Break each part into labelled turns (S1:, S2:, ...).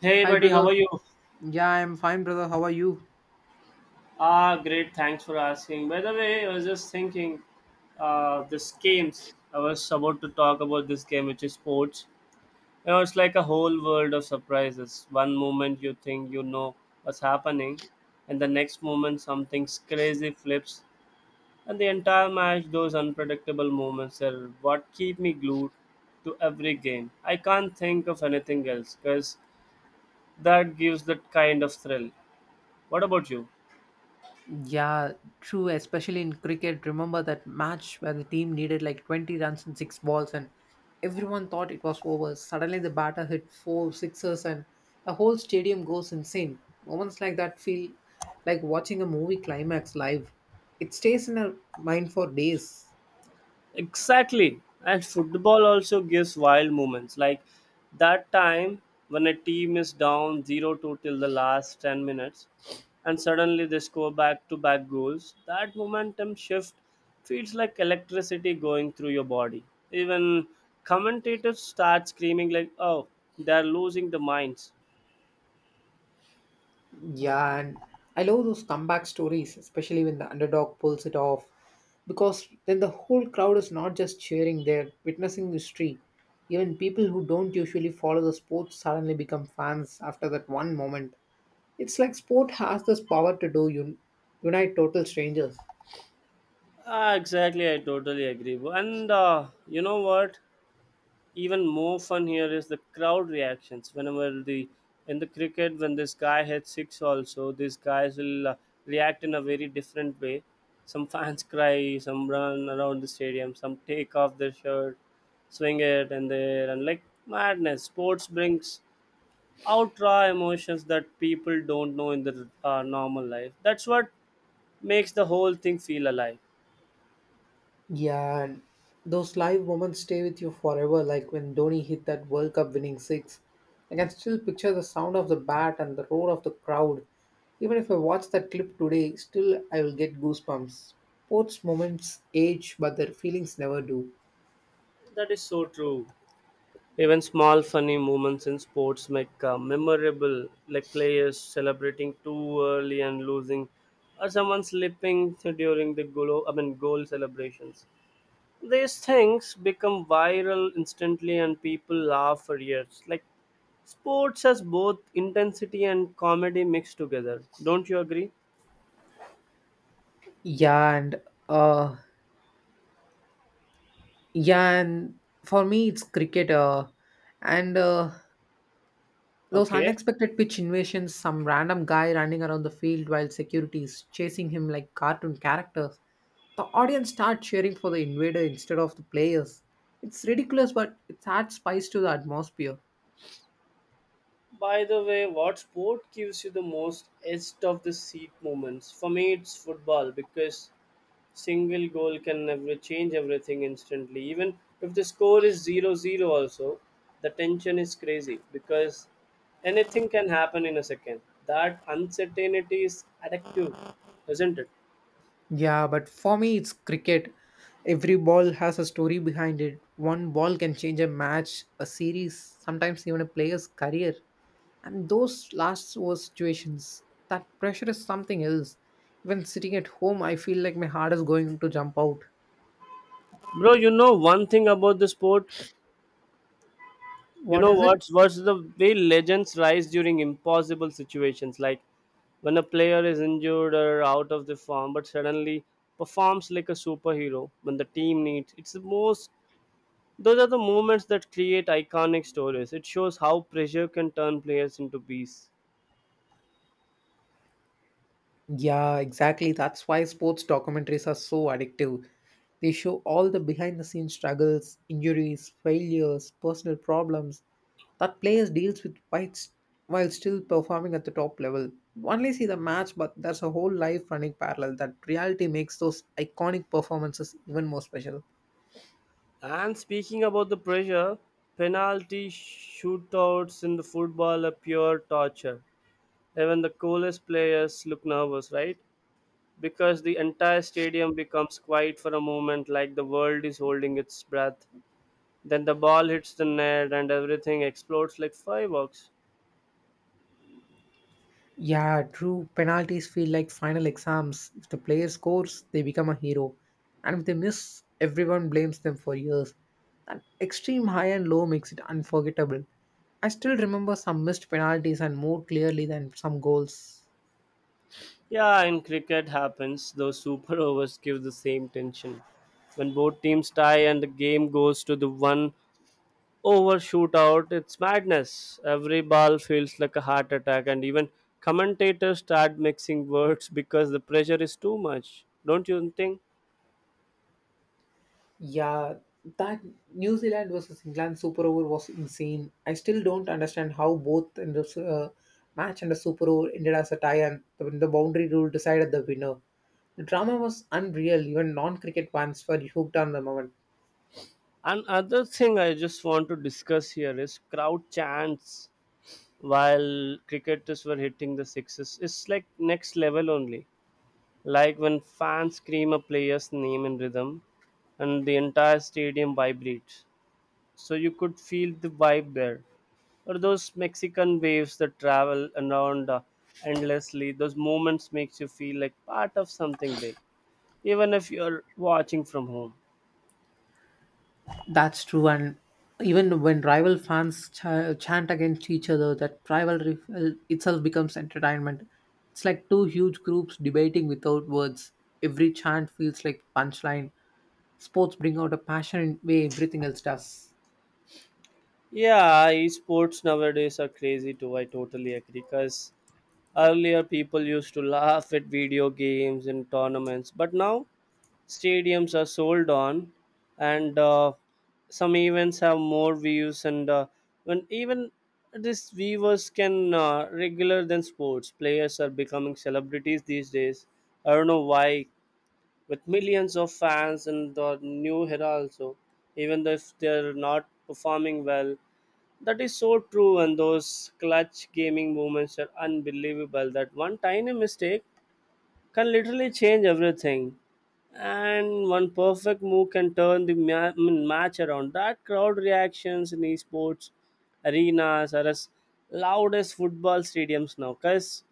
S1: Hey
S2: Hi,
S1: buddy, how are
S2: brother.
S1: you?
S2: Yeah, I'm fine, brother. How are you?
S1: Ah, great. Thanks for asking. By the way, I was just thinking, this games. I was about to talk about this game, which is sports. You know, it's like a whole world of surprises. One moment you think you know what's happening, and the next moment something crazy flips, and the entire match. Those unpredictable moments are what keep me glued to every game. I can't think of anything else because that gives that kind of thrill. What about you?
S2: Yeah, true. Especially in cricket, remember that match where the team needed like 20 runs in six balls, and everyone thought it was over. Suddenly, the batter hit four sixes, and the whole stadium goes insane. Moments like that feel like watching a movie climax live. It stays in our mind for days.
S1: Exactly. And football also gives wild moments. Like that time when a team is down 0-2 till the last 10 minutes and suddenly they score back to back goals, that momentum shift feels like electricity going through your body. Even commentators start screaming, like, oh, they're losing the minds.
S2: Yeah, and I love those comeback stories, especially when the underdog pulls it off, because then the whole crowd is not just cheering, they're witnessing history. Even people who don't usually follow the sport suddenly become fans after that one moment. It's like sport has this power to unite total strangers.
S1: Ah, exactly. I totally agree. And you know what? Even more fun here is the crowd reactions whenever the in the cricket when this guy hits six, also these guys will react in a very different way. Some fans cry, some run around the stadium, some take off their shirt, swing it and there, and like madness. Sports brings out raw emotions that people don't know in their normal life. That's what makes the whole thing feel alive.
S2: Yeah, and those live moments stay with you forever. Like when Dhoni hit that World Cup winning six, I can still picture the sound of the bat and the roar of the crowd. Even if I watch that clip today, still I will get goosebumps. Sports moments age, but their feelings never do.
S1: That is so true. Even small funny moments in sports make memorable, like players celebrating too early and losing, or someone slipping during the goal. I mean, goal celebrations. These things become viral instantly, and people laugh for years. Like sports has both intensity and comedy mixed together. Don't you agree?
S2: Yeah, and uh, yeah, and for me it's cricket. And Those
S1: Okay.
S2: unexpected pitch invasions, some random guy running around the field while security is chasing him like cartoon characters. The audience start cheering for the invader instead of the players. It's ridiculous, but it adds spice to the atmosphere.
S1: By the way, what sport gives you the most edge of the seat moments? For me, it's football because single goal can never change everything instantly. Even if the score is zero zero, also, the tension is crazy because anything can happen in a second. That uncertainty is addictive, isn't it?
S2: Yeah, but for me, it's cricket. Every ball has a story behind it. One ball can change a match, a series, sometimes even a player's career. And those last over situations, that pressure is something else. Even sitting at home, I feel like my heart is going to jump out.
S1: Bro, you know one thing about the sport? You
S2: What
S1: know
S2: is it?
S1: what's the way legends rise during impossible situations, like when a player is injured or out of the form, but suddenly performs like a superhero when the team needs it's the most. Those are the moments that create iconic stories. It shows how pressure can turn players into beasts.
S2: Yeah, exactly. That's why sports documentaries are so addictive. They show all the behind the scenes struggles, injuries, failures, personal problems that players deals with while still performing at the top level. You only see the match, but there's a whole life running parallel that reality makes those iconic performances even more special.
S1: And speaking about the pressure, penalty shootouts in the football are pure torture. Even the coolest players look nervous, right? Because the entire stadium becomes quiet for a moment, like the world is holding its breath, then the ball hits the net and everything explodes like fireworks.
S2: Yeah, true. Penalties feel like final exams. If the player scores, they become a hero. And if they miss, everyone blames them for years. That extreme high and low makes it unforgettable. I still remember some missed penalties and more clearly than some goals.
S1: Yeah, in cricket happens those super overs give the same tension when both teams tie and the game goes to the one over shootout. It's madness. Every ball feels like a heart attack, and even commentators start mixing words because the pressure is too much. Don't you think?
S2: Yeah, that New Zealand versus England super over was insane. I still don't understand how both in the match and the super over ended as a tie and the boundary rule decided the winner. The drama was unreal. Even non-cricket fans were hooked on the moment.
S1: Another thing I just want to discuss here is crowd chants while cricketers were hitting the sixes. It's like next level only. Like when fans scream a player's name in rhythm and the entire stadium vibrates. So you could feel the vibe there. Or those Mexican waves that travel around endlessly. Those moments makes you feel like part of something big, even if you're watching from home.
S2: That's true, and even when rival fans chant against each other, that rivalry itself becomes entertainment. It's like two huge groups debating without words. Every chant feels like punchline. Sports bring out a passion in way everything else does.
S1: Yeah, esports nowadays are crazy too. I totally agree. Because earlier people used to laugh at video games and tournaments, but now stadiums are sold on, and some events have more views. And when even these viewers can regular than sports, players are becoming celebrities these days. I don't know why, with millions of fans in the new era also, even though if they're not performing well. That is so true, and those clutch gaming moments are unbelievable. That one tiny mistake can literally change everything, and one perfect move can turn the I mean, match around. That crowd reactions in esports arenas are as loud as football stadiums now, because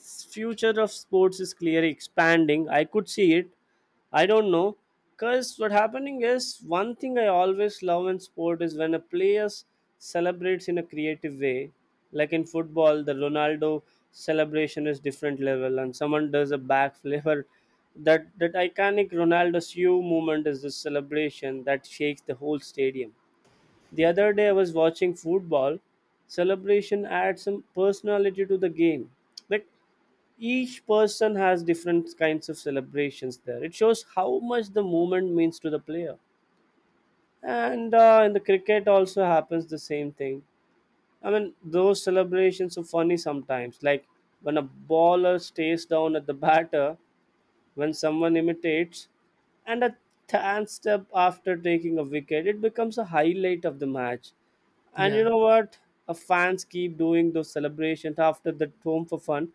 S1: future of sports is clearly expanding. I could see it. I don't know. Because what happening is, one thing I always love in sport is when a player celebrates in a creative way. Like in football, the Ronaldo celebration is different level, and someone does a backflip or that iconic Ronaldo's U movement is the celebration that shakes the whole stadium. The other day I was watching football celebration add some personality to the game. Like each person has different kinds of celebrations there. It shows how much the movement means to the player. And in the cricket also happens the same thing. I mean, those celebrations are funny sometimes. Like when a bowler stays down at the batter, when someone imitates and a hand step after taking a wicket, it becomes a highlight of the match. And you
S2: Yeah,
S1: know what? Fans keep doing those celebrations after the home for fun.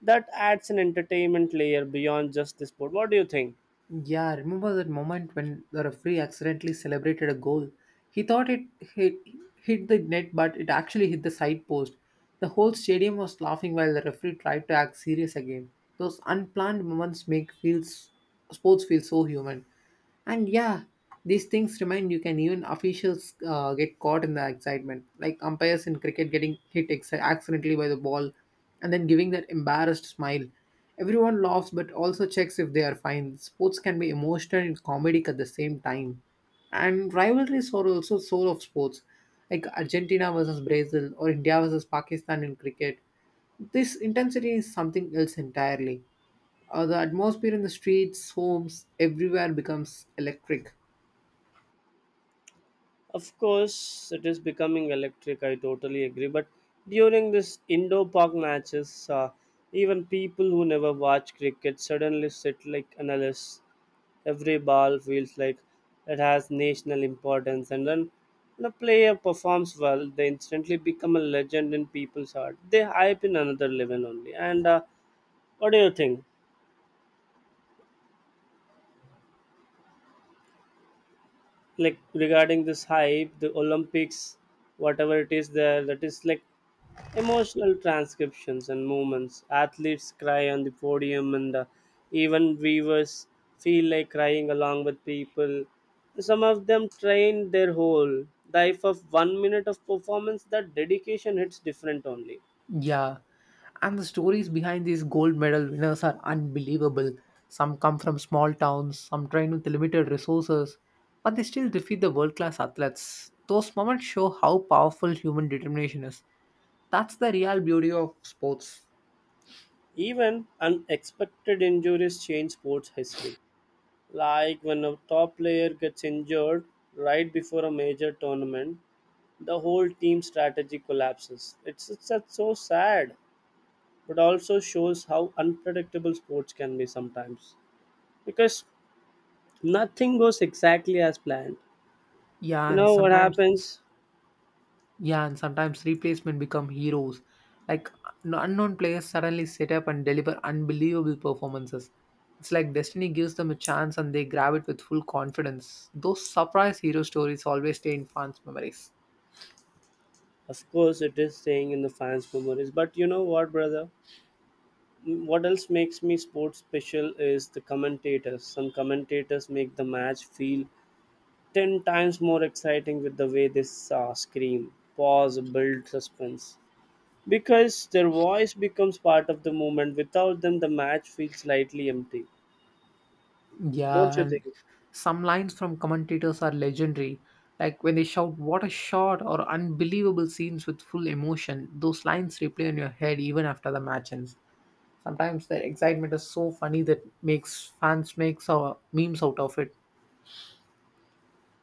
S1: That adds an entertainment layer beyond just the sport. What do you think?
S2: yeah, I remember that moment when the referee accidentally celebrated a goal. He thought it hit, hit the net, but it actually hit the side post. The whole stadium was laughing while the referee tried to act serious again. Those unplanned moments make feels sports feel so human. And yeah, these things remind you can even officials get caught in the excitement, like umpires in cricket getting hit accidentally by the ball and then giving that embarrassed smile. Everyone laughs but also checks if they are fine. Sports can be emotional and comedic at the same time. And rivalries are also soul of sports, like Argentina versus Brazil or India versus Pakistan in cricket. This intensity is something else entirely. The atmosphere in the streets, homes, everywhere becomes electric.
S1: Of course, it is becoming electric. I totally agree. But during this indoor park matches, even people who never watch cricket suddenly sit like analysts. Every ball feels like it has national importance, and when a player performs well, they instantly become a legend in people's heart. They hype in another level only. And what do you think? Like regarding this hype, the Olympics, whatever it is there, that is like emotional transcriptions and movements. Athletes cry on the podium, and even viewers feel like crying along with people. Some of them train their whole life of 1 minute of performance. That dedication hits different only.
S2: Yeah, and the stories behind these gold medal winners are unbelievable. Some come from small towns, some train with limited resources, but they still defeat the world class athletes. Those moments show how powerful human determination is. That's the real beauty of sports.
S1: Even unexpected injuries change sports history. Like when a top player gets injured right before a major tournament, the whole team strategy collapses. It's just so sad, but also shows how unpredictable sports can be sometimes, because nothing goes exactly as planned.
S2: Yeah,
S1: You
S2: and
S1: know what
S2: sometimes
S1: happens?
S2: Yeah, and sometimes replacement become heroes. Like unknown players suddenly set up and deliver unbelievable performances. It's like destiny gives them a chance and they grab it with full confidence. Those surprise hero stories always stay in fans' memories.
S1: Of course, it is staying in the fans' memories, but you know what, brother? What else makes me sports special is the commentators. Some commentators make the match feel 10 times more exciting with the way they scream, pause, build suspense, because their voice becomes part of the movement. Without them, the match feels slightly empty. Don't
S2: Yeah,
S1: you
S2: and
S1: think?
S2: some lines from commentators are legendary. Like when they shout, "What a shot!" or "unbelievable scenes" with full emotion, those lines replay in your head even after the match ends. Sometimes their excitement is so funny that makes fans memes out of it.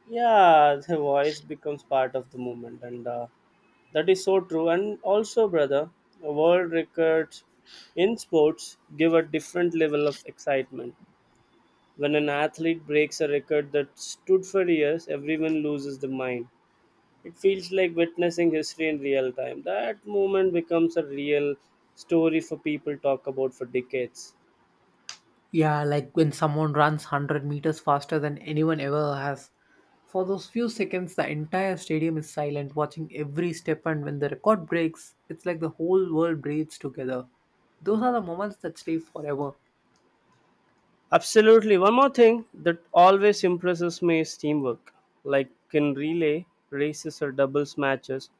S1: Yeah, the voice becomes part of the movement, and that is so true. And also, brother, world records in sports give a different level of excitement. When an athlete breaks a record that stood for years, everyone loses the mind. It feels like witnessing history in real time. That moment becomes a real story for people talk about for decades.
S2: Yeah, like when someone runs 100 meters faster than anyone ever has. For those few seconds, the entire stadium is silent, watching every step, and when the record breaks, it's like the whole world breathes together. Those are the moments that stay forever.
S1: Absolutely. One more thing that always impresses me is teamwork. Like in relay races or doubles matches,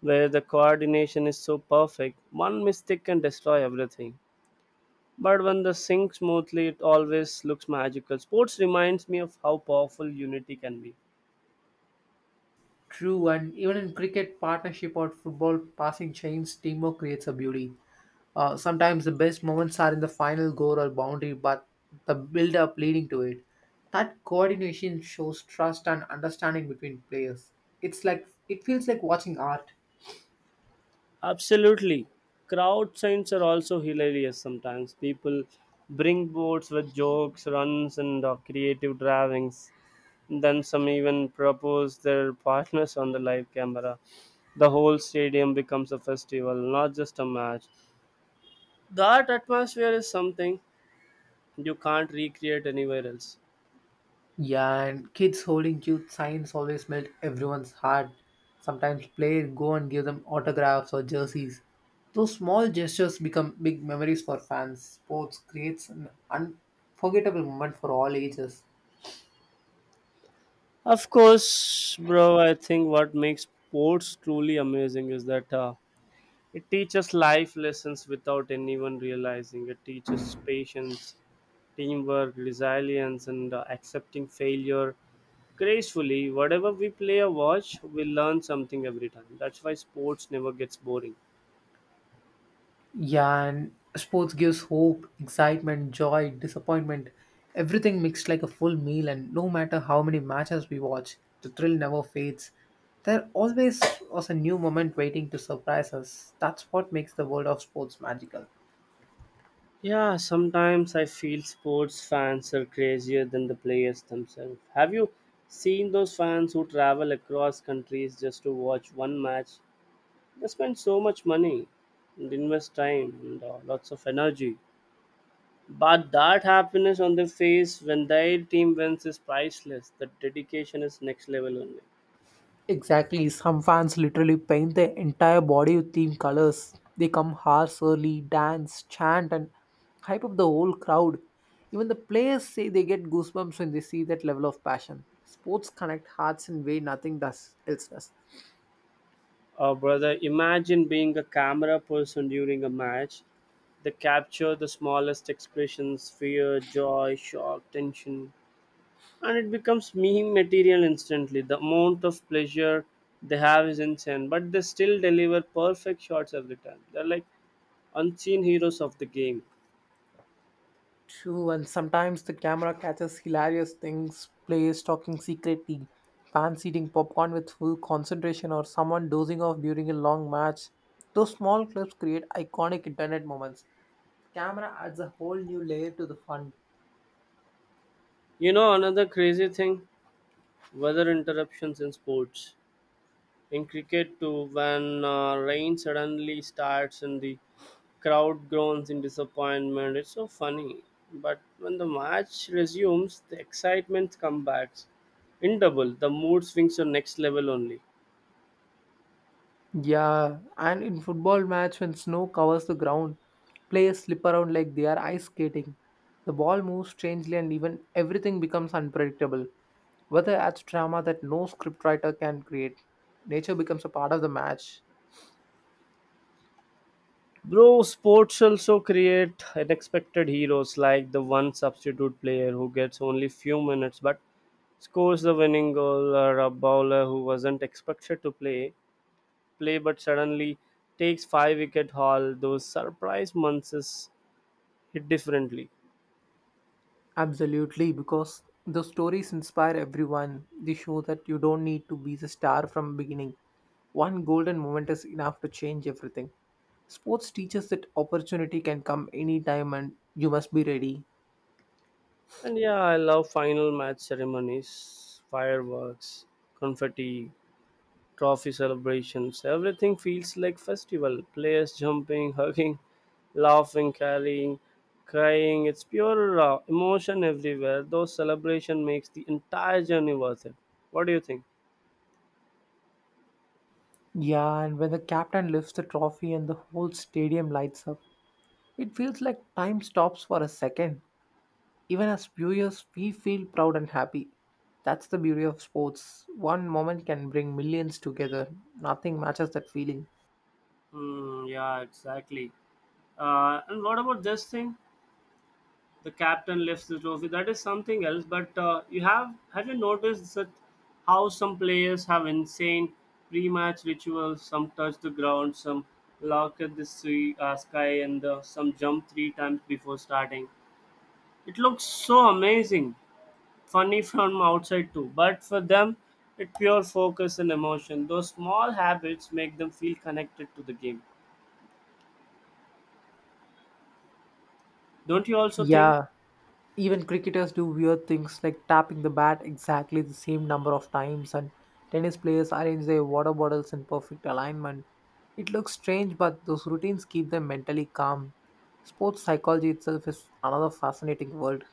S1: where the coordination is so perfect, one mistake can destroy everything. But when the sync smoothly, it always looks magical. Sports reminds me of how powerful unity can be.
S2: True, and even in cricket, partnership or football, passing chains, teamwork creates a beauty. Sometimes the best moments are in the final goal or boundary, but the build up leading to it. That coordination shows trust and understanding between players. It's like it feels like watching art.
S1: Absolutely. Crowd signs are also hilarious sometimes. People bring boards with jokes, runs, and creative drawings. Then some even propose their partners on the live camera. The whole stadium becomes a festival, not just a match. That atmosphere is something you can't recreate anywhere else.
S2: Yeah, and kids holding cute signs always melt everyone's heart. Sometimes players go and give them autographs or jerseys. Those small gestures become big memories for fans. Sports creates an unforgettable moment for all ages.
S1: Of course, bro, I think what makes sports truly amazing is that it teaches life lessons without anyone realizing. It teaches patience, teamwork, resilience, and accepting failure gracefully. Whatever we play or watch, we learn something every time. That's why sports never gets boring.
S2: Yeah, and sports gives hope, excitement, joy, disappointment, everything mixed like a full meal. And no matter how many matches we watch, the thrill never fades. There always was a new moment waiting to surprise us. That's what makes the world of sports magical.
S1: Yeah, sometimes I feel sports fans are crazier than the players themselves. Have you seen those fans who travel across countries just to watch one match? They spend so much money and invest time and lots of energy, but that happiness on their face when their team wins is priceless. The dedication is next level only.
S2: Exactly. Some fans literally paint their entire body with team colors. They come hours early, dance, chant, and hype up the whole crowd. Even the players say they get goosebumps when they see that level of passion. Sports connect hearts in way nothing does else does.
S1: Oh, brother, imagine being a camera person during a match. They capture the smallest expressions: fear, joy, shock, tension, and it becomes meme material instantly. The amount of pleasure they have is insane, but they still deliver perfect shots every time. They're like unseen heroes of the game.
S2: True, and sometimes the camera catches hilarious things, players talking secretly, fans eating popcorn with full concentration, or someone dozing off during a long match. Those small clips create iconic internet moments. Camera adds a whole new layer to the fun.
S1: You know, another crazy thing, weather interruptions in sports. In cricket too, when rain suddenly starts and the crowd groans in disappointment, it's so funny. But when the match resumes, the excitement comes back in double. The mood swings to next level only.
S2: Yeah, and in football match when snow covers the ground, players slip around like they are ice skating. The ball moves strangely and even everything becomes unpredictable. Weather adds drama that no scriptwriter can create. Nature becomes a part of the match.
S1: Bro, sports also create unexpected heroes, like the one substitute player who gets only few minutes but scores the winning goal, or a bowler who wasn't expected to play but suddenly takes five wicket haul. Those surprise months hit differently.
S2: Absolutely, because the stories inspire everyone. They show that you don't need to be the star from beginning. One golden moment is enough to change everything. Sports teaches that opportunity can come anytime and you must be ready.
S1: And yeah, I love final match ceremonies, fireworks, confetti, trophy celebrations. Everything feels like festival. Players jumping, hugging, laughing, carrying, crying. It's pure emotion everywhere. Those celebration makes the entire journey worth it. What do you think?
S2: Yeah, and when the captain lifts the trophy and the whole stadium lights up, it feels like time stops for a second. Even as viewers, we feel proud and happy. That's the beauty of sports. One moment can bring millions together. Nothing matches that feeling.
S1: Hmm. Yeah, exactly. And what about this thing? The captain lifts the trophy, that is something else, but you have you noticed that how some players have insane pre-match rituals? Some touch the ground, some look at the sea, sky, and some jump three times before starting. It looks so amazing, funny from outside too, but for them it's pure focus and emotion. Those small habits make them feel connected to the game. Don't you also think?
S2: Yeah, even cricketers do weird things like tapping the bat exactly the same number of times, and tennis players arrange their water bottles in perfect alignment. It looks strange, but those routines keep them mentally calm. Sports psychology itself is another fascinating world.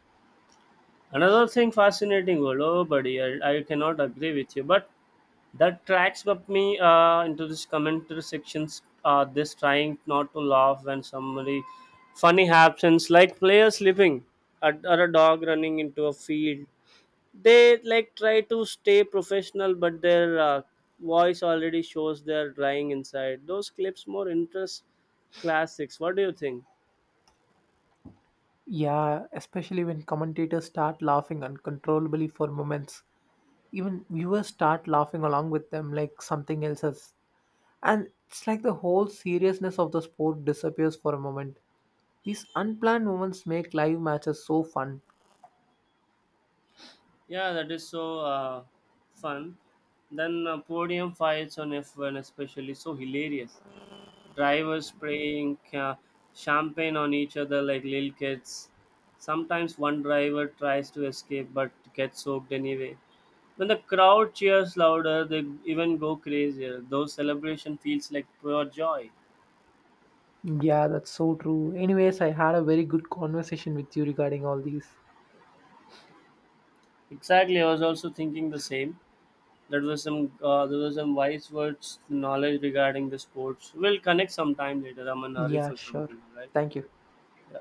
S1: Another thing fascinating, world, oh buddy, I cannot agree with you, but that tracks up me into this commentary sections. This trying not to laugh when somebody funny happens, like player slipping at, or a dog running into a field. They like try to stay professional, but their voice already shows they're drying inside. Those clips more interest classics. What do you think?
S2: Yeah, especially when commentators start laughing uncontrollably for moments. Even viewers start laughing along with them like something else has. And it's like the whole seriousness of the sport disappears for a moment. These unplanned moments make live matches so fun.
S1: Yeah, that is so fun. Then podium fights on F1, especially so hilarious. Drivers spraying champagne on each other like little kids. Sometimes one driver tries to escape but gets soaked anyway. When the crowd cheers louder, they even go crazier. Though celebration feels like pure joy.
S2: Yeah, that's so true. Anyways, I had a very good conversation with you regarding all these.
S1: Exactly, I was also thinking the same. That was some There was some wise words knowledge regarding the sports. We'll connect sometime later. I'm in a hurry
S2: Yeah,
S1: for
S2: sure.
S1: something. All right.
S2: Thank you.
S1: Yeah.